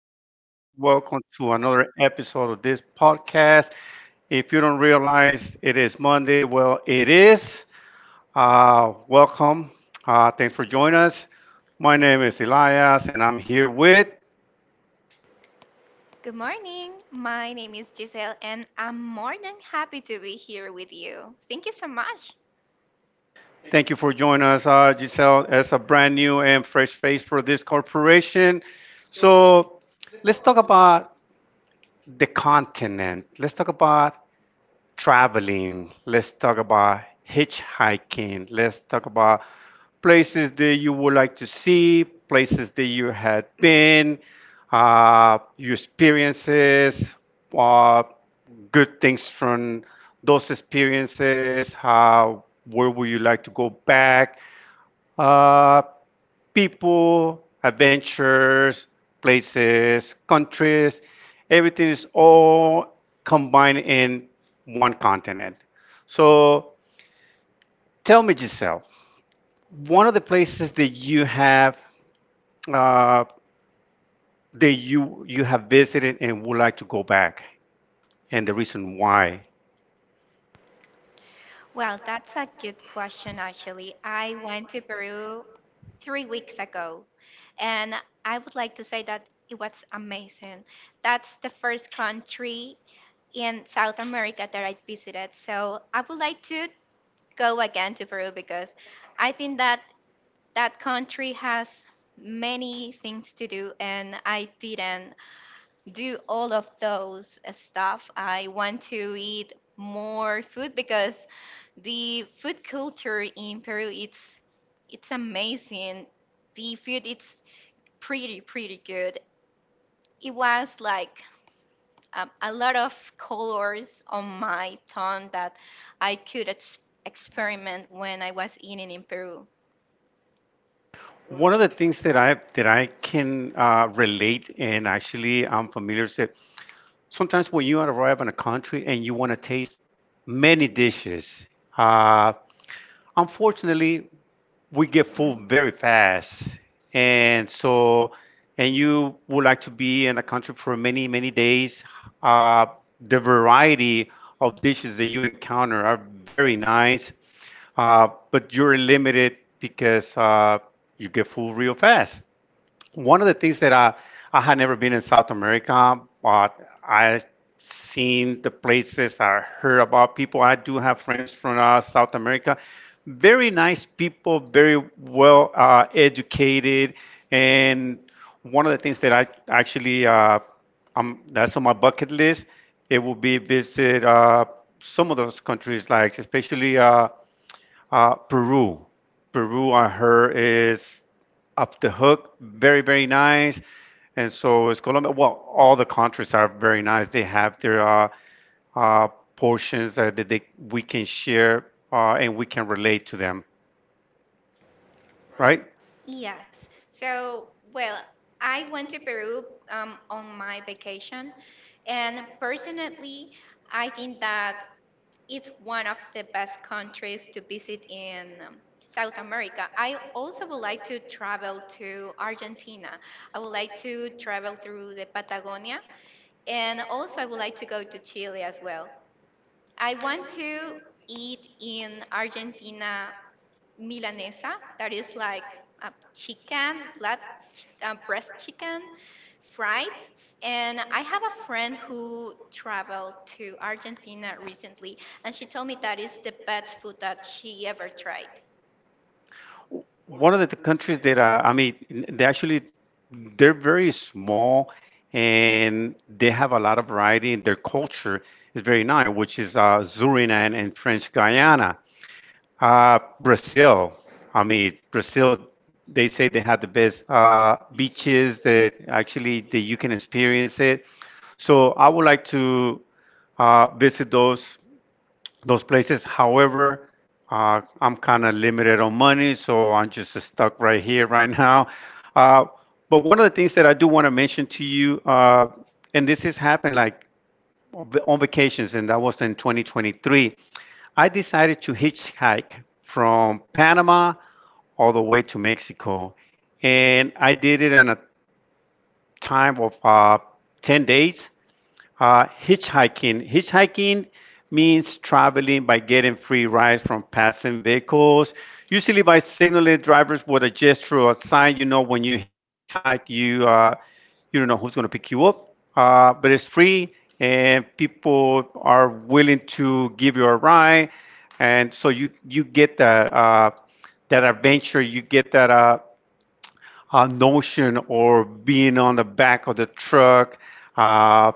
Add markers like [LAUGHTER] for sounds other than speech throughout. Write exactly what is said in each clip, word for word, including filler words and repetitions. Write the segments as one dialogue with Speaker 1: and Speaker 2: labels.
Speaker 1: being here. Welcome to another episode of this podcast. If you don't realize it is Monday, well, it is. Uh, welcome. Uh, thanks for joining us. My name is Elias, and I'm here with.
Speaker 2: Good morning. My name is Giselle, and I'm more than happy to be here with you. Thank you so much.
Speaker 1: Thank you for joining us, uh, Giselle, as a brand new and fresh face for this corporation. So let's talk about the continent. Let's talk about traveling, let's talk about hitchhiking, let's talk about places that you would like to see, places that you had been, uh, your experiences, uh, good things from those experiences, how, where would you like to go back, uh, people, adventures, places, countries, everything is all combined in one continent. So tell me, Giselle, one of the places that you have uh, that you you have visited and would like to go back, and the reason why.
Speaker 2: Well, that's a good question, actually. I went to Peru three weeks ago, and I would like to say that it was amazing. That's the first country in South America that I visited. So I would like to go again to Peru because I think that that country has many things to do, and I didn't do all of those uh, stuff. I want to eat more food because the food culture in Peru it's it's amazing. The food it's pretty pretty good. It was like um, a lot of colors on my tongue that I could ex- experiment when I was eating in Peru.
Speaker 1: One of the things that I that I can uh, relate and actually I'm familiar with sometimes when you arrive in a country and you want to taste many dishes, uh, unfortunately, we get full very fast. And so, and you would like to be in a country for many, many days, uh, the variety of dishes that you encounter are very nice, uh, but you're limited because uh, you get full real fast. One of the things that I, I had never been in South America, but I seen the places, I heard about people. I do have friends from uh, South America. Very nice people, very well uh, educated. And one of the things that I actually, uh, um, that's on my bucket list, it will be visit uh, some of those countries, like especially uh, uh, Peru. Peru, I heard, is up the hook. Very, very nice. And so is Colombia. Well, all the countries are very nice. They have their uh, uh, portions that that they, we can share uh, and we can relate to them, right?
Speaker 2: Yes. So, well, I went to Peru um, on my vacation, and personally, I think that it's one of the best countries to visit in um, South America. I also would like to travel to Argentina. I would like to travel through the Patagonia, and also I would like to go to Chile as well. I want to eat in Argentina milanesa, that is like a chicken flat ch- uh, breast chicken fried S- and I have a friend who traveled to Argentina recently, and she told me that is the best food that she ever tried.
Speaker 1: One of the countries that uh, I mean, they actually they're very small and they have a lot of variety. And their culture is very nice, which is uh, Suriname and French Guyana. Uh, Brazil. I mean, Brazil, they say they have the best uh, beaches that actually that you can experience it. So I would like to uh, visit those those places. However, uh, I'm kind of limited on money, so I'm just stuck right here [LAUGHS] right now. Uh, but one of the things that I do want to mention to you, uh, and this has happened like on vacations, and that was in twenty twenty-three, I decided to hitchhike from Panama all the way to Mexico. And I did it in a time of uh, ten days. Uh, hitchhiking. Hitchhiking means traveling by getting free rides from passing vehicles, usually by signaling drivers with a gesture or sign. You know, when you hitchhike, you uh, you don't know who's going to pick you up, uh, but it's free, and people are willing to give you a ride, and so you you get that uh, that adventure, you get that uh, uh, notion or being on the back of the truck, uh,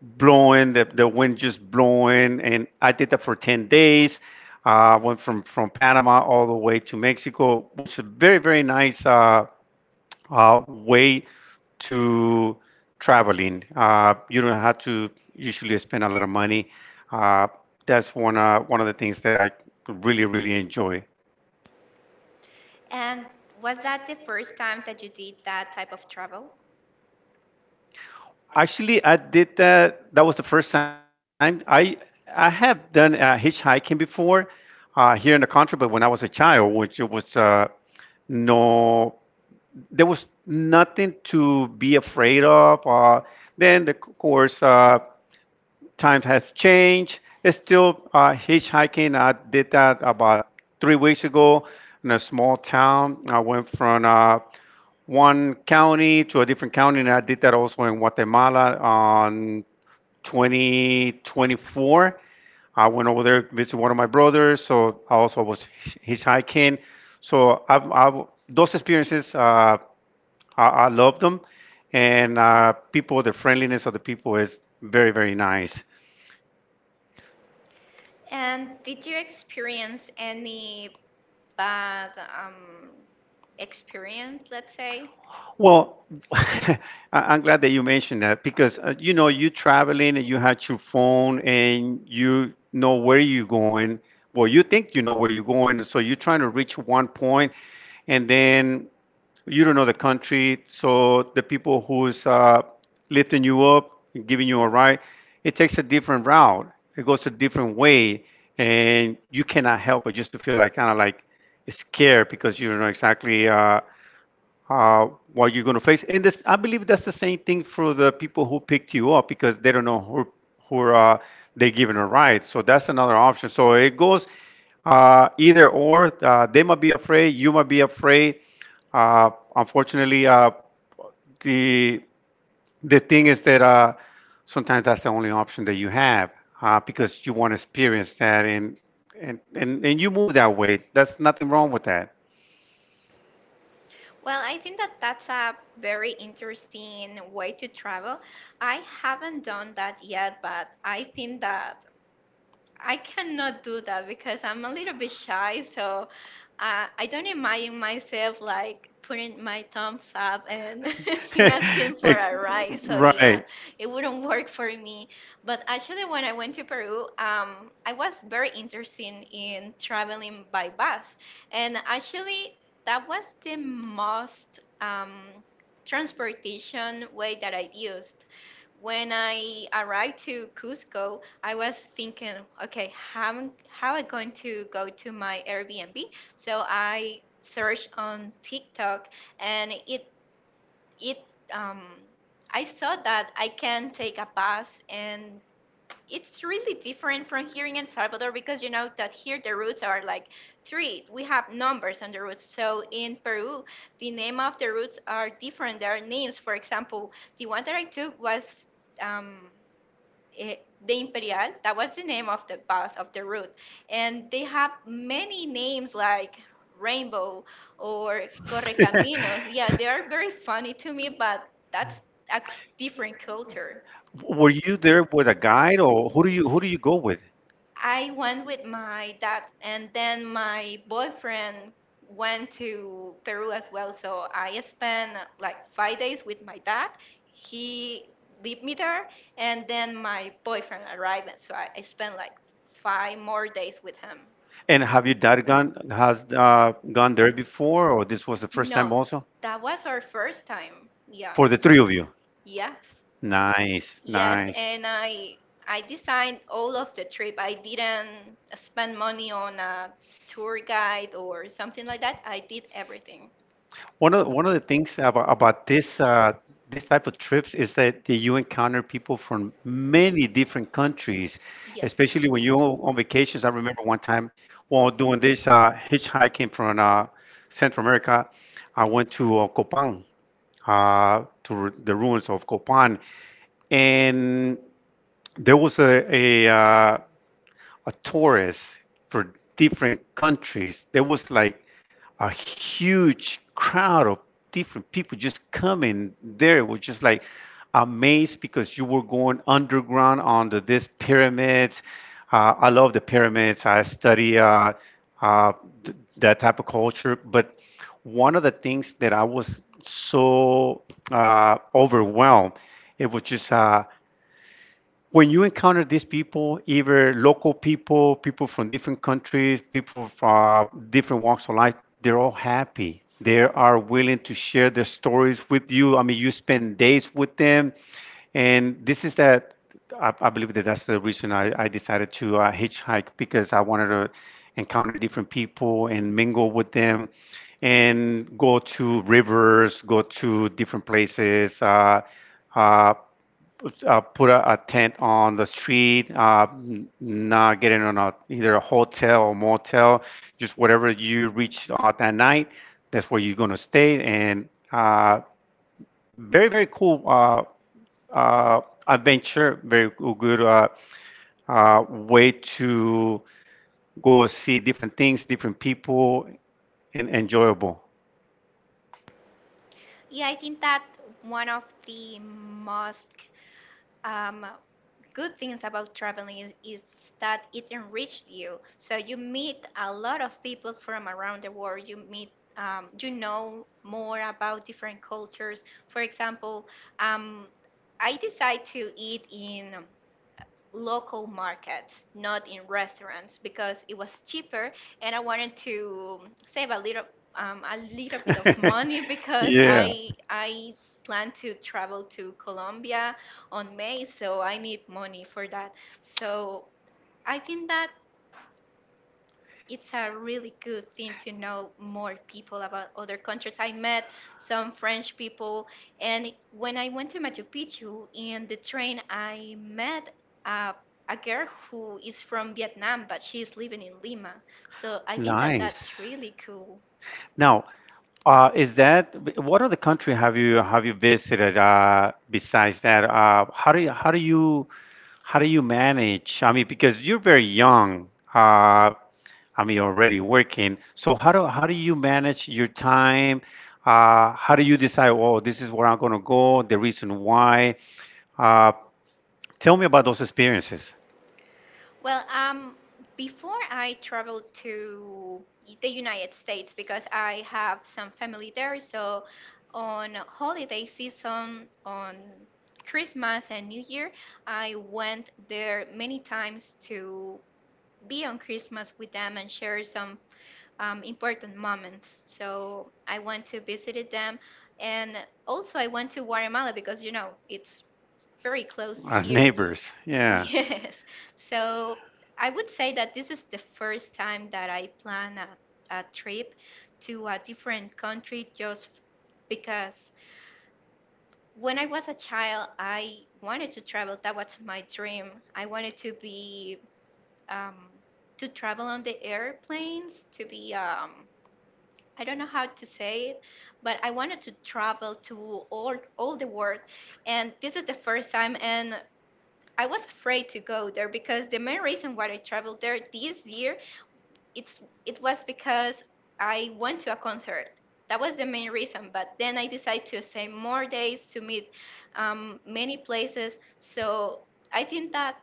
Speaker 1: blowing the, the wind just blowing, and I did that for ten days. Uh, went from from Panama all the way to Mexico, which is a very very nice uh, uh, way to traveling. Uh, you don't have to usually spend a lot of money. Uh, that's one uh, one of the things that I really really enjoy.
Speaker 2: And was that the first time that you did that type of travel,
Speaker 1: Actually, I did that. That was the first time I I have done uh, hitchhiking before uh, here in the country, but when I was a child, which it was uh, no, there was nothing to be afraid of. Uh, then, the, of course, uh, times have changed. It's still uh, hitchhiking. I did that about three weeks ago in a small town. I went from uh, one county to a different county, and I did that also in Guatemala on twenty twenty-four. I went over there to visit one of my brothers, so I also was hitchhiking. So I've, I've, those experiences, uh, I, I love them, and uh, people, the friendliness of the people is very, very nice.
Speaker 2: and did you experience any bad um, experience, let's say?
Speaker 1: Well, [LAUGHS] I- I'm glad that you mentioned that because uh, you know you traveling and you had your phone and you know where you're going. Well, you think you know where you're going, so you're trying to reach one point, and then you don't know the country. So the people who's uh, lifting you up, and giving you a ride, it takes a different route. It goes a different way, and you cannot help but just to feel like kind of like scared because you don't know exactly uh, uh, what you're going to face. And this, I believe that's the same thing for the people who picked you up because they don't know who who uh, they're giving a ride. So that's another option. So it goes uh, either or. Uh, they might be afraid. You might be afraid. Uh, unfortunately, uh, the the thing is that uh, sometimes that's the only option that you have uh, because you want to experience that and and, and and you move that way. That's nothing wrong with that.
Speaker 2: Well, I think that that's a very interesting way to travel. I haven't done that yet, but I think that I cannot do that because I'm a little bit shy, so uh, I don't imagine myself like putting my
Speaker 1: [LAUGHS]
Speaker 2: thumbs up and, [LAUGHS] and, yeah, asking for a ride. So, right, yeah,
Speaker 1: Right.
Speaker 2: it wouldn't work for me. But actually, when I went to Peru, um, I was very interested in traveling by bus, and actually, that was the most um, transportation way that I used when I arrived to Cusco. I was thinking, okay, how am- how I going to go to my Airbnb? So I searched on TikTok, and it it um I saw that I can take a bus, and it's really different from here in El Salvador because you know that here the routes are like three. We have numbers on the routes. So in Peru, the name of the routes are different. There are names. For example, the one that I took was um eh, the Imperial. That was the name of the bus of the route, and they have many names like Rainbow or
Speaker 1: [LAUGHS]
Speaker 2: Correcaminos. Yeah, they are very funny to me, but that's a c- different culture.
Speaker 1: Were you there with a guide, or who do you who do you go with?
Speaker 2: I went with my dad, and then my boyfriend went to Peru as well. So I spent uh, like five days with my dad. He leave me there, and then my boyfriend arrived. And So I, I spent like five more days with him.
Speaker 1: And have your dad gone has uh, gone there before, or this was the first time
Speaker 2: No,
Speaker 1: also
Speaker 2: that was our first time. Yeah.
Speaker 1: for the three of you?
Speaker 2: Yes.
Speaker 1: Nice, yes,
Speaker 2: Yes,
Speaker 1: nice.
Speaker 2: and I I designed all of the trip. I didn't spend money on a tour guide or something like that. I did everything.
Speaker 1: One of the, one of the things about about this uh, this type of trips is that, that you encounter people from many different countries,
Speaker 2: Yes.
Speaker 1: especially when you're on vacations. I remember one time while doing this uh, hitchhiking from uh, Central America, I went to uh, Copan, uh, to r- the ruins of Copan, and there was a a, uh, a tourist for different countries. There was like a huge crowd of different people just coming there. It was just like amazed because you were going underground under these pyramids. Uh, I love the pyramids. I study uh, uh, th- that type of culture. But one of the things that I was so uh, overwhelmed, it was just uh, when you encounter these people, either local people, people from different countries, people from uh, different walks of life, they're all happy. They are willing to share their stories with you. I mean, you spend days with them, and this is that. I, I believe that that's the reason I, I decided to uh, hitchhike because I wanted to encounter different people and mingle with them, and go to rivers, go to different places. Uh, uh, uh, Put a, a tent on the street, uh, n- not getting on a, either a hotel or motel, just whatever you reach uh, that night, that's where you're going to stay. And uh, very, very cool uh, uh, adventure, very g- good uh, uh, way to go see different things, different people, and enjoyable.
Speaker 2: Yeah, I think that one of the most um, good things about traveling is, is that it enriches you. So you meet a lot of people from around the world. You meet, um, you know more about different cultures. For example, um, I decide to eat in local markets, not in restaurants, because it was cheaper, and I wanted to save a little um, a little bit of money
Speaker 1: [LAUGHS]
Speaker 2: [LAUGHS] because
Speaker 1: Yeah,
Speaker 2: I I plan to travel to Colombia on May, so I need money for that. So I think that it's a really good thing to know more people about other countries. I met some French people, and when I went to Machu Picchu in the train, I met a, a girl who is from Vietnam, but she is living in Lima. So I think that
Speaker 1: nice.
Speaker 2: that's really cool.
Speaker 1: Now, Uh, is that what other country have you have you visited uh, besides that? Uh, how do you how do you how do you manage? I mean, because you're very young. Uh, I mean, already working. So how do how do you manage your time? Uh, how do you decide? Oh, this is where I'm gonna go. The reason why. Uh, Tell me about those experiences.
Speaker 2: Well, um, before I traveled to the United States, because I have some family there, so on holiday season, on Christmas and New Year, I went there many times to be on Christmas with them and share some um, important moments. So I went to visit them, and also I went to Guatemala because you know it's very close
Speaker 1: Our
Speaker 2: here. Yeah. [LAUGHS]
Speaker 1: neighbors. Yeah.
Speaker 2: Yes. So I would say that this is the first time that I plan a, a trip to a different country, just f- because when I was a child, I wanted to travel. That was my dream. I wanted to be, um, to travel on the airplanes, to be, um, I don't know how to say it, but I wanted to travel to all all the world, and this is the first time. And I was afraid to go there because the main reason why I traveled there this year it's it was because I went to a concert. That was the main reason. But then I decided to stay more days to meet um, many places. So I think that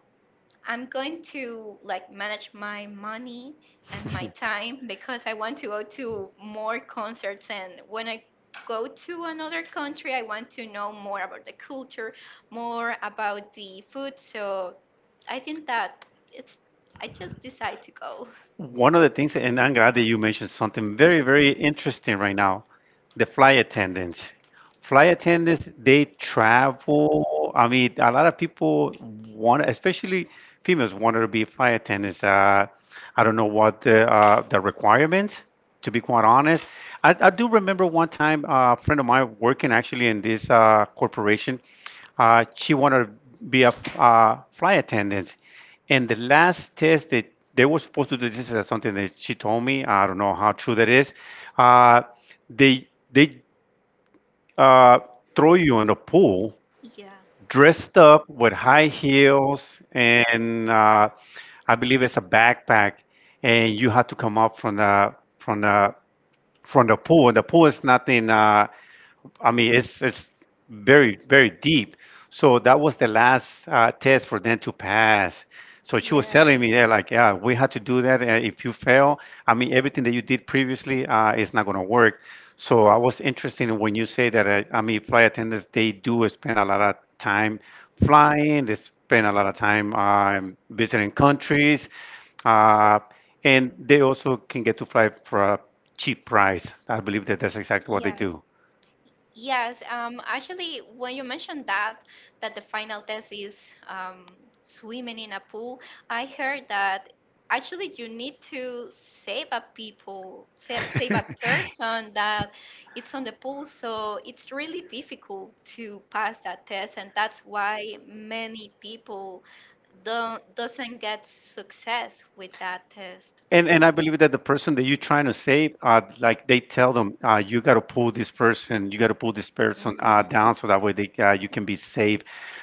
Speaker 2: I'm going to like manage my money and my time because I want to go to more concerts, and when I
Speaker 1: [LAUGHS]
Speaker 2: go to another country, I want to know more about the culture, more about the food. So I think that it's I just decide to go.
Speaker 1: One of the things, and I'm glad that you mentioned something very, very interesting right now, the flight attendants. Flight attendants, they travel. I mean, a lot of people want, especially females, want to be flight attendants. Uh, I don't know what the uh, the requirements, to be quite honest. I, I do remember one time uh, a friend of mine working actually in this uh, corporation. Uh, she wanted to be a uh, flight attendant, and the last test that they were supposed to do this is uh, something that she told me. I don't know how true that is. Uh, they they uh, throw you in a pool
Speaker 2: Yeah.
Speaker 1: dressed up with high heels and uh, I believe it's a backpack, and you have to come up from the from the from the pool. The pool is nothing. Uh, I mean, it's it's very very deep. So that was the last uh, test for them to pass. So she was
Speaker 2: Yes.
Speaker 1: telling me, yeah, like, yeah, we had to do that. Uh, if you fail, I mean, everything that you did previously uh, is not going to work. So I was interested when you say that. Uh, I mean, flight attendants they do spend a lot of time flying. They spend a lot of time um, visiting countries uh, and they also can get to fly for a cheap price. I believe that that's exactly what they
Speaker 2: Yes.
Speaker 1: do.
Speaker 2: Yes, um, actually, when you mentioned that, that the final test is um, swimming in a pool, I heard that actually you need to save a people, save, save a
Speaker 1: [LAUGHS]
Speaker 2: person that it's on the pool. So it's really difficult to pass that test, and that's why many people don't doesn't get success with that test.
Speaker 1: And and I believe that the person that you're trying to save, uh, like they tell them, uh, you got to pull this person, you got to pull this person uh,
Speaker 2: Mhm.
Speaker 1: down, so that way they uh, you can be safe.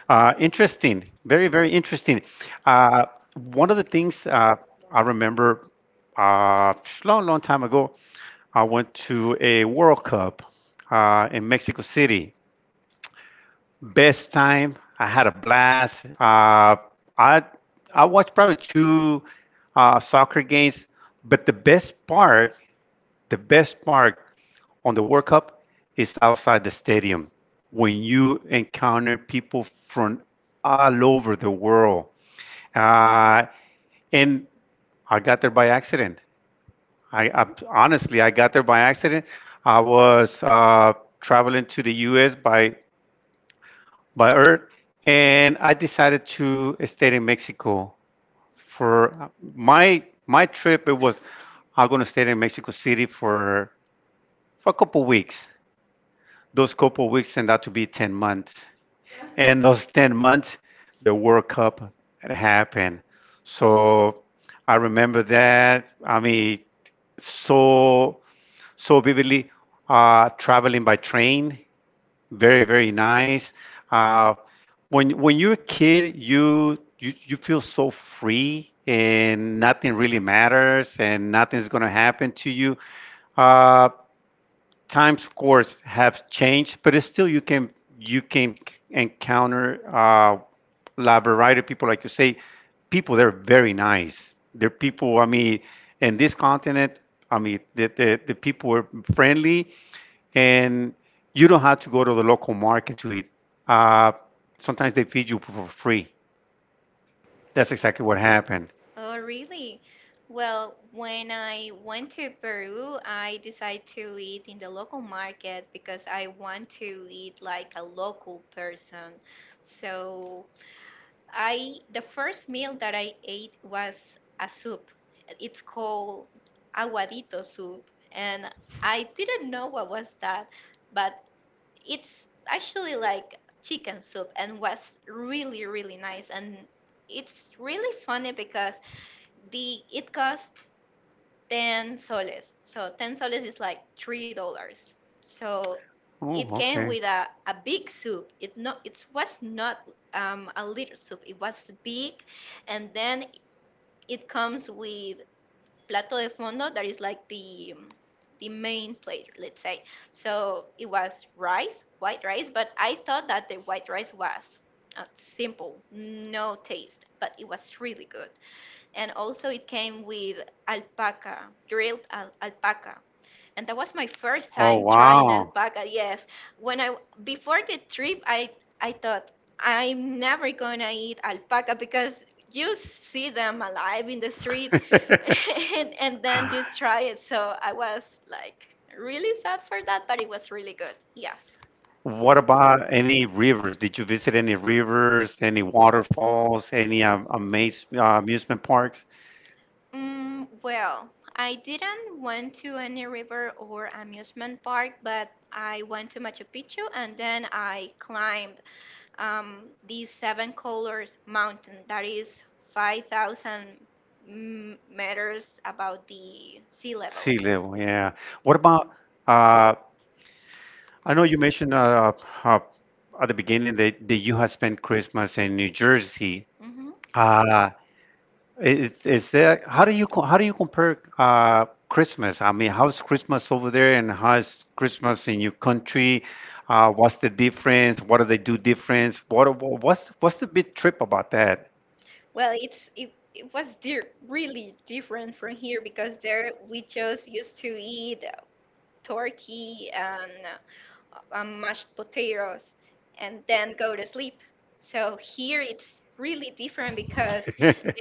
Speaker 1: Uh, interesting, very very interesting. Uh, One of the things uh, I remember, uh, long long time ago, I went to a World Cup uh, in Mexico City. Best time. I had a blast. Uh, I I watched probably two uh, soccer games, but the best part, the best part on the World Cup is outside the stadium when you encounter people from all over the world. Uh, and I got there by accident. I, I honestly, I got there by accident. I was uh, traveling to the U S by by earth. And I decided to stay in Mexico for my my trip. It was I'm gonna stay in Mexico City for for a couple weeks. Those couple weeks turned out to be ten months, and those ten months, the World Cup had happened. So I remember that. I mean, so so vividly uh, traveling by train, very, very nice. Uh, when when you're a kid, you you you feel so free and nothing really matters and nothing's gonna happen to you. Uh, Time scores have changed, but it's still you can you can encounter uh, la variety of people, like you say, people they're very nice. They're people. I mean, in this continent, I mean, the the, the people are friendly, and you don't have to go to the local market to eat. Uh, Sometimes they feed you for free. That's exactly what happened.
Speaker 2: Oh, really? Well, when I went to Peru, I decided to eat in the local market because I want to eat like a local person. So, I the first meal that I ate was a soup. It's called aguadito soup, and I didn't know what was that, but it's actually like chicken soup and was really, really nice. And it's really funny because the it cost ten soles, so ten soles is like three dollars. So it
Speaker 1: Oh,
Speaker 2: came
Speaker 1: okay.
Speaker 2: with a, a big soup. It not it was not um, a little soup, it was big. And then it comes with plato de fondo, that is like the um, the main plate, let's say. So it was rice white rice, but I thought that the white rice was uh, simple, no taste, but it was really good. And also it came with alpaca, grilled al- alpaca. And that was my first
Speaker 1: Oh,
Speaker 2: time trying
Speaker 1: wow.
Speaker 2: alpaca. Yes, when I before the trip, I I thought I'm never gonna eat alpaca because you see them alive in the street, [LAUGHS] and
Speaker 1: [LAUGHS]
Speaker 2: and then you try it. So I was like really sad for that, but it was really good. Yes.
Speaker 1: What about any rivers? Did you visit any rivers, any waterfalls, any um, amaze, uh, amusement parks?
Speaker 2: Mm, well, I didn't went to any river or amusement park, but I went to Machu Picchu, and then I climbed um, these seven colors mountain that is five thousand m- meters above the sea level.
Speaker 1: Sea level, yeah. What about, uh, I know you mentioned uh, uh, at the beginning that, that you had spent Christmas in New Jersey.
Speaker 2: hmm
Speaker 1: Uh, Is is that, how do you co- how do you compare uh, Christmas? I mean, how's Christmas over there, and how's Christmas in your country? Uh, what's the difference? What do they do difference? What what- what's what's the big trip about that?
Speaker 2: Well, it's it, it was di really different from here because there we just used to eat turkey and uh, um, mashed potatoes and then go to sleep. So here it's really different because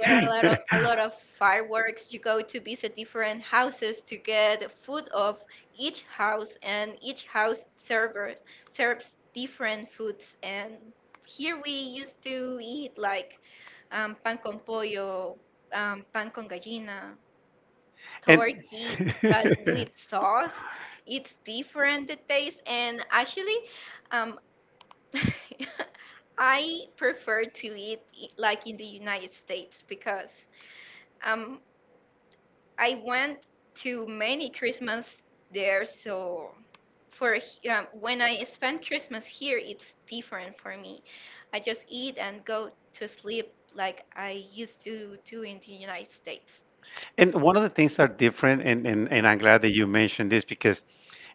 Speaker 2: there are a lot of a lot of fireworks. You go to visit different houses to get the food of each house, and each house server serves different foods. And here we used to eat like um, pan con pollo, um, pan con gallina,
Speaker 1: And
Speaker 2: turkey but
Speaker 1: [LAUGHS]
Speaker 2: with sauce, it's different the taste. And actually um [LAUGHS] I prefer to eat i- like in the United States because um I went to many Christmas there, so for he- um, when I spend Christmas here it's different for me, I just eat and go to sleep like I used to do in the United States.
Speaker 1: And One of the things that are different, and, and, and I'm glad that you mentioned this because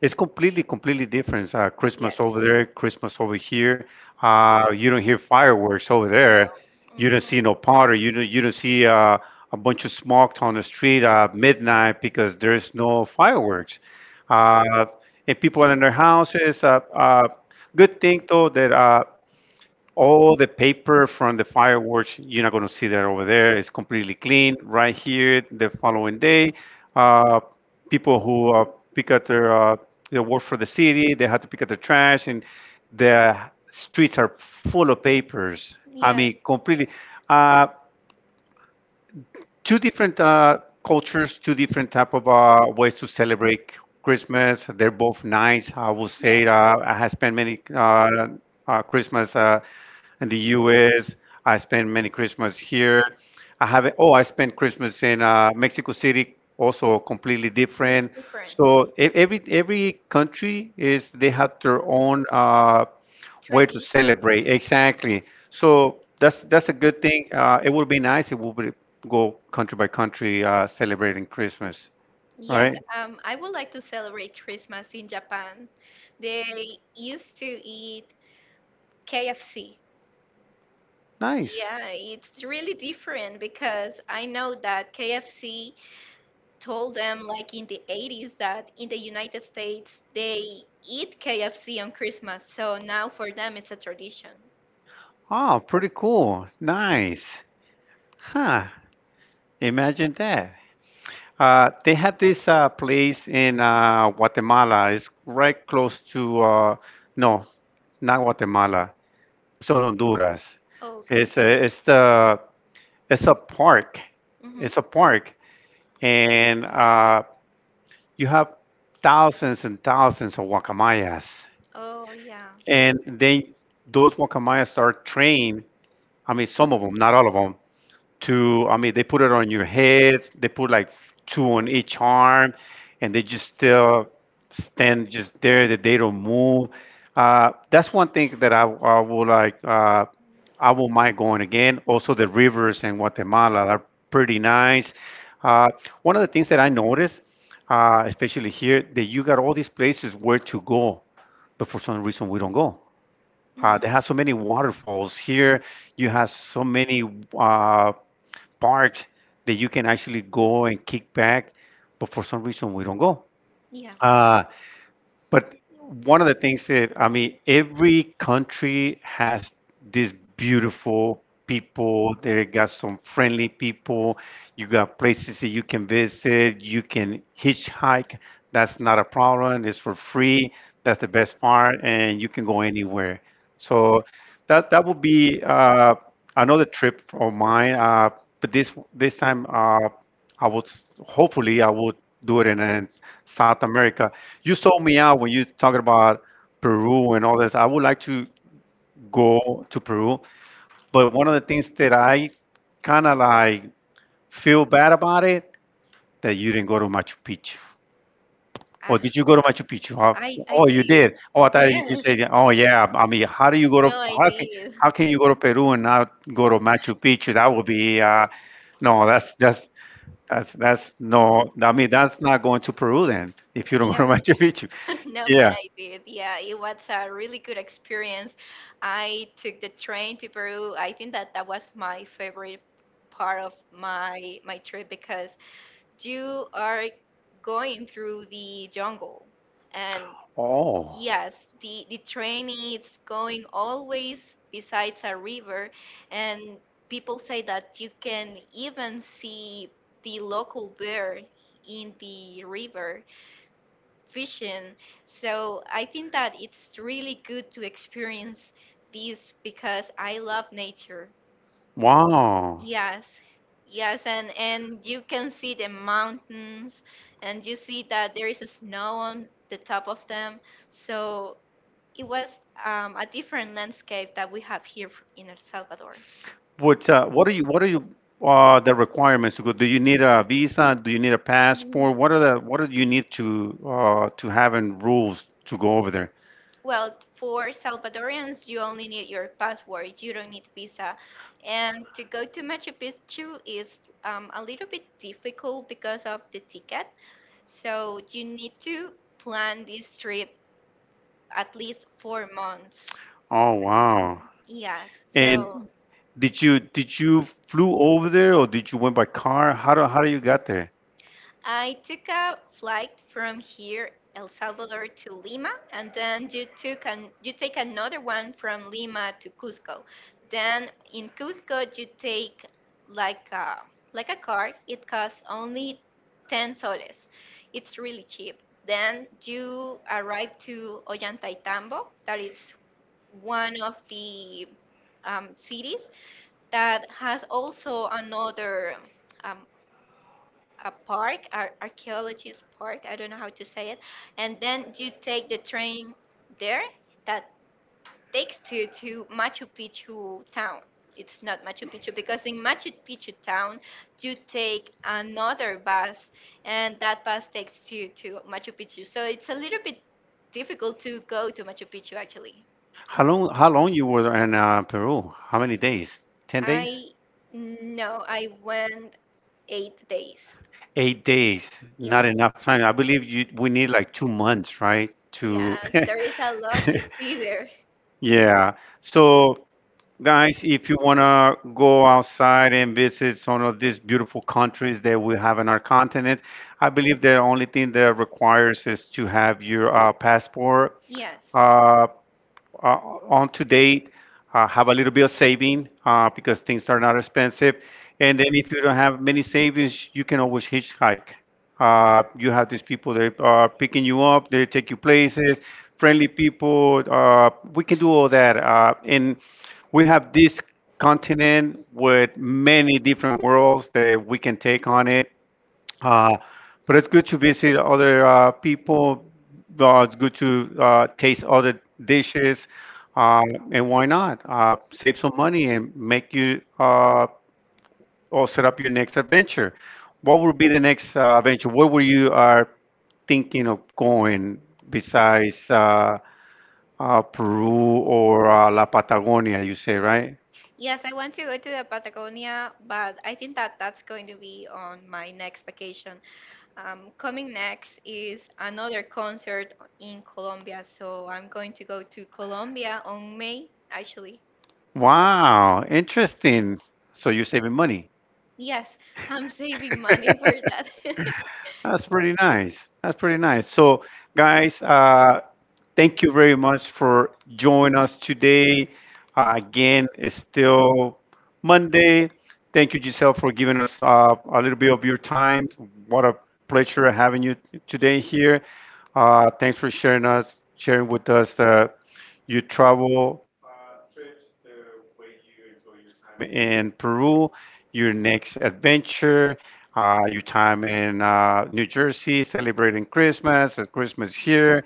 Speaker 1: it's completely, completely different. Uh, Christmas
Speaker 2: Yes.
Speaker 1: over there, Christmas over here. Uh, you don't hear fireworks over
Speaker 2: No.
Speaker 1: there. You
Speaker 2: There. Mhm.
Speaker 1: don't see no powder. You don't, you don't see uh, a bunch of smoke on the street at midnight because there's no fireworks. Uh, and people are in their houses. Uh, uh, good thing though that uh, all the paper from the fireworks, you're not going to see that over there. It's completely clean right here the following day. uh, People who uh, pick up their uh, they work for the city, they have to pick up their trash and the streets are full of papers. I
Speaker 2: Yes.
Speaker 1: mean, completely uh, two different uh, cultures, two different type of uh, ways to celebrate Christmas. They're both nice. I will say
Speaker 2: Yes.
Speaker 1: uh, I have spent many uh, uh, Christmas uh, in the U S. I spent many Christmas here. I haven't. Oh, I spent Christmas in uh, Mexico City. Also, completely
Speaker 2: It's
Speaker 1: different.
Speaker 2: different.
Speaker 1: So e- every every country is, they have their own uh, way to
Speaker 2: Traditions.
Speaker 1: celebrate. Exactly. So that's that's a good thing. Uh, it would be nice. It would be go country by country uh, celebrating Christmas,
Speaker 2: Yes,
Speaker 1: right?
Speaker 2: right. um, I would like to celebrate Christmas in Japan. They used to eat K F C.
Speaker 1: Nice.
Speaker 2: Yeah, it's really different because I know that K F C told them like in the eighties that in the United States they eat K F C on Christmas. So now for them it's a tradition.
Speaker 1: Oh, pretty cool. Nice. Huh. Imagine that. Uh, they have this uh, place in uh, Guatemala. It's right close to, uh, no, not Guatemala. It's on Honduras.
Speaker 2: Oh, okay.
Speaker 1: It's a, it's the, it's a park.
Speaker 2: Mm-hmm.
Speaker 1: It's a park. And uh, you have thousands and thousands of guacamayas,
Speaker 2: Oh, yeah.
Speaker 1: and then those guacamayas are trained. I mean, some of them, not all of them, to, I mean, they put it on your heads, they put like two on each arm and they just still stand just there that they don't move. Uh, that's one thing that i, I would like. Uh, i would mind going again. Also, the rivers in Guatemala are pretty nice. uh, One of the things that I noticed uh, especially here, that you got all these places where to go, but for some reason we don't go. Uh, they
Speaker 2: Mm-hmm.
Speaker 1: have so many waterfalls here. You have so many uh, parks that you can actually go and kick back, but for some reason we don't go.
Speaker 2: Yeah.
Speaker 1: Uh, but one of the things that, I mean, every country has these beautiful people. They got some friendly people. You got places that you can visit. You can hitchhike. That's not a problem. It's for free. That's the best part. And you can go anywhere. So that that will be uh, another trip of mine. Uh, but this this time, uh, I would s- hopefully I would do it in, uh, South America. You sold me out when you talking about Peru and all this. I would like to go to Peru, but one of the things that I kind of like feel bad about it, that you didn't go to Machu Picchu. Or
Speaker 2: Ah,
Speaker 1: did you go to Machu Picchu? How-
Speaker 2: I I
Speaker 1: Oh, you
Speaker 2: did.
Speaker 1: did. Oh, I thought you just
Speaker 2: Yes.
Speaker 1: said, oh, yeah. I mean, how do you go to,
Speaker 2: No, I
Speaker 1: how can
Speaker 2: did.
Speaker 1: how can you go to Peru and not go to Machu Picchu? That would be uh, no. That's that's That's that's no. I mean, that's not going to Peru then if you don't go
Speaker 2: Yeah.
Speaker 1: to [LAUGHS] Machu Picchu.
Speaker 2: [LAUGHS] No, but
Speaker 1: Yeah.
Speaker 2: I did. Yeah, it was a really good experience. I took the train to Peru. I think that that was my favorite part of my my trip because you are going through the jungle. And
Speaker 1: Oh.
Speaker 2: yes, the the train is going always besides a river, and people say that you can even see the local bear in the river vision. So I think that it's really good to experience these because I love nature.
Speaker 1: Wow.
Speaker 2: Yes, yes, and and you can see the mountains, and you see that there is a snow on the top of them. So it was um, a different landscape that we have here in El Salvador.
Speaker 1: What? Uh, what are you? What are you? Uh, the requirements to go. Do you need a visa? Do you need a passport?
Speaker 2: Mhm.
Speaker 1: What are the? What do you need to uh, to have in rules to go over there?
Speaker 2: Well, for Salvadorians, you only need your passport. You don't need visa. And to go to Machu Picchu is um, a little bit difficult because of the ticket. So you need to plan this trip at least four months.
Speaker 1: Oh,
Speaker 2: Mhm.
Speaker 1: wow.
Speaker 2: Yes. Mm. So
Speaker 1: And did you did you flew over there or did you went by car? How do how do you got there?
Speaker 2: I took a flight from here, El Salvador to Lima, and then you took an, you take another one from Lima to Cusco. Then in Cusco you take like a like a car. It costs only ten soles. It's really cheap. Then you arrive to Ollantaytambo, that is one of the um, cities that has also another um, a park, ar- archaeologist park. I don't know how to say it. And then you take the train there that takes to to Machu Picchu town. It's not Machu Picchu because in Machu Picchu town you take another bus, and that bus takes you to Machu Picchu. So it's a little bit difficult to go to Machu Picchu actually.
Speaker 1: How long how long you were in uh, Peru? How many days? ten days?
Speaker 2: I No, I went eight days.
Speaker 1: Eight days. Not
Speaker 2: Yes.
Speaker 1: enough time. I believe you we need like two months, right? To
Speaker 2: Yes, there is a lot to
Speaker 1: [LAUGHS]
Speaker 2: see there.
Speaker 1: Yeah. So, guys, if you want to go outside and visit some of these beautiful countries that we have in our continent, I believe the only thing that requires is to have your uh, passport.
Speaker 2: Yes.
Speaker 1: Uh, uh, on to date, uh, have a little bit of saving uh, because things are not expensive. And then if you don't have many savings, you can always hitchhike. Uh, you have these people that are picking you up, they take you places, friendly people. Uh, we can do all that. Uh, and we have this continent with many different worlds that we can take on it. Uh, but it's good to visit other uh, people. Uh, it's good to uh, taste other dishes, um, and why not uh, save some money and make you uh, or set up your next adventure? What would be the next uh, adventure? Where were you are thinking of going besides uh, uh, Peru or uh, La Patagonia? You say, right?
Speaker 2: Yes, I want to go to the Patagonia, but I think that that's going to be on my next vacation. Um, coming next is another concert in Colombia, so I'm going to go to Colombia on May, actually.
Speaker 1: Wow, interesting. So you're saving money.
Speaker 2: Yes, I'm saving
Speaker 1: [LAUGHS]
Speaker 2: money for that. [LAUGHS]
Speaker 1: That's pretty nice. That's pretty nice. So, guys, uh, thank you very much for joining us today. Uh, again, it's still Monday. Thank you, Giselle, for giving us uh, a little bit of your time. What a pleasure having you today here. Uh, thanks for sharing us, sharing with us uh, your travel uh, trips, the way you enjoy your time in Peru, your next adventure, uh, your time in uh, New Jersey, celebrating Christmas, and Christmas here.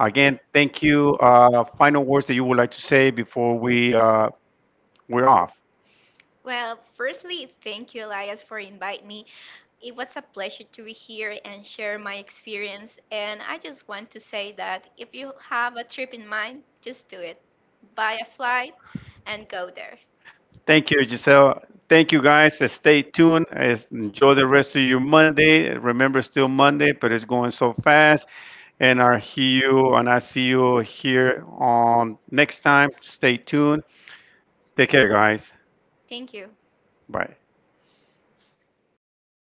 Speaker 1: Again, thank you. Uh, final words that you would like to say before we uh, we're off.
Speaker 2: Well, firstly, thank you, Elias, for inviting me. It was a pleasure to be here and share my experience. And I just want to say that if you have a trip in mind, just do it. Buy a flight and go there.
Speaker 1: Thank you, Giselle. Thank you, guys. Uh, Stay tuned. Uh, Enjoy the rest of your Monday. Remember, it's still Monday, but it's going so fast. And I hear you, and I see you here on next time. Stay tuned. Take care, guys.
Speaker 2: Thank you.
Speaker 1: Bye.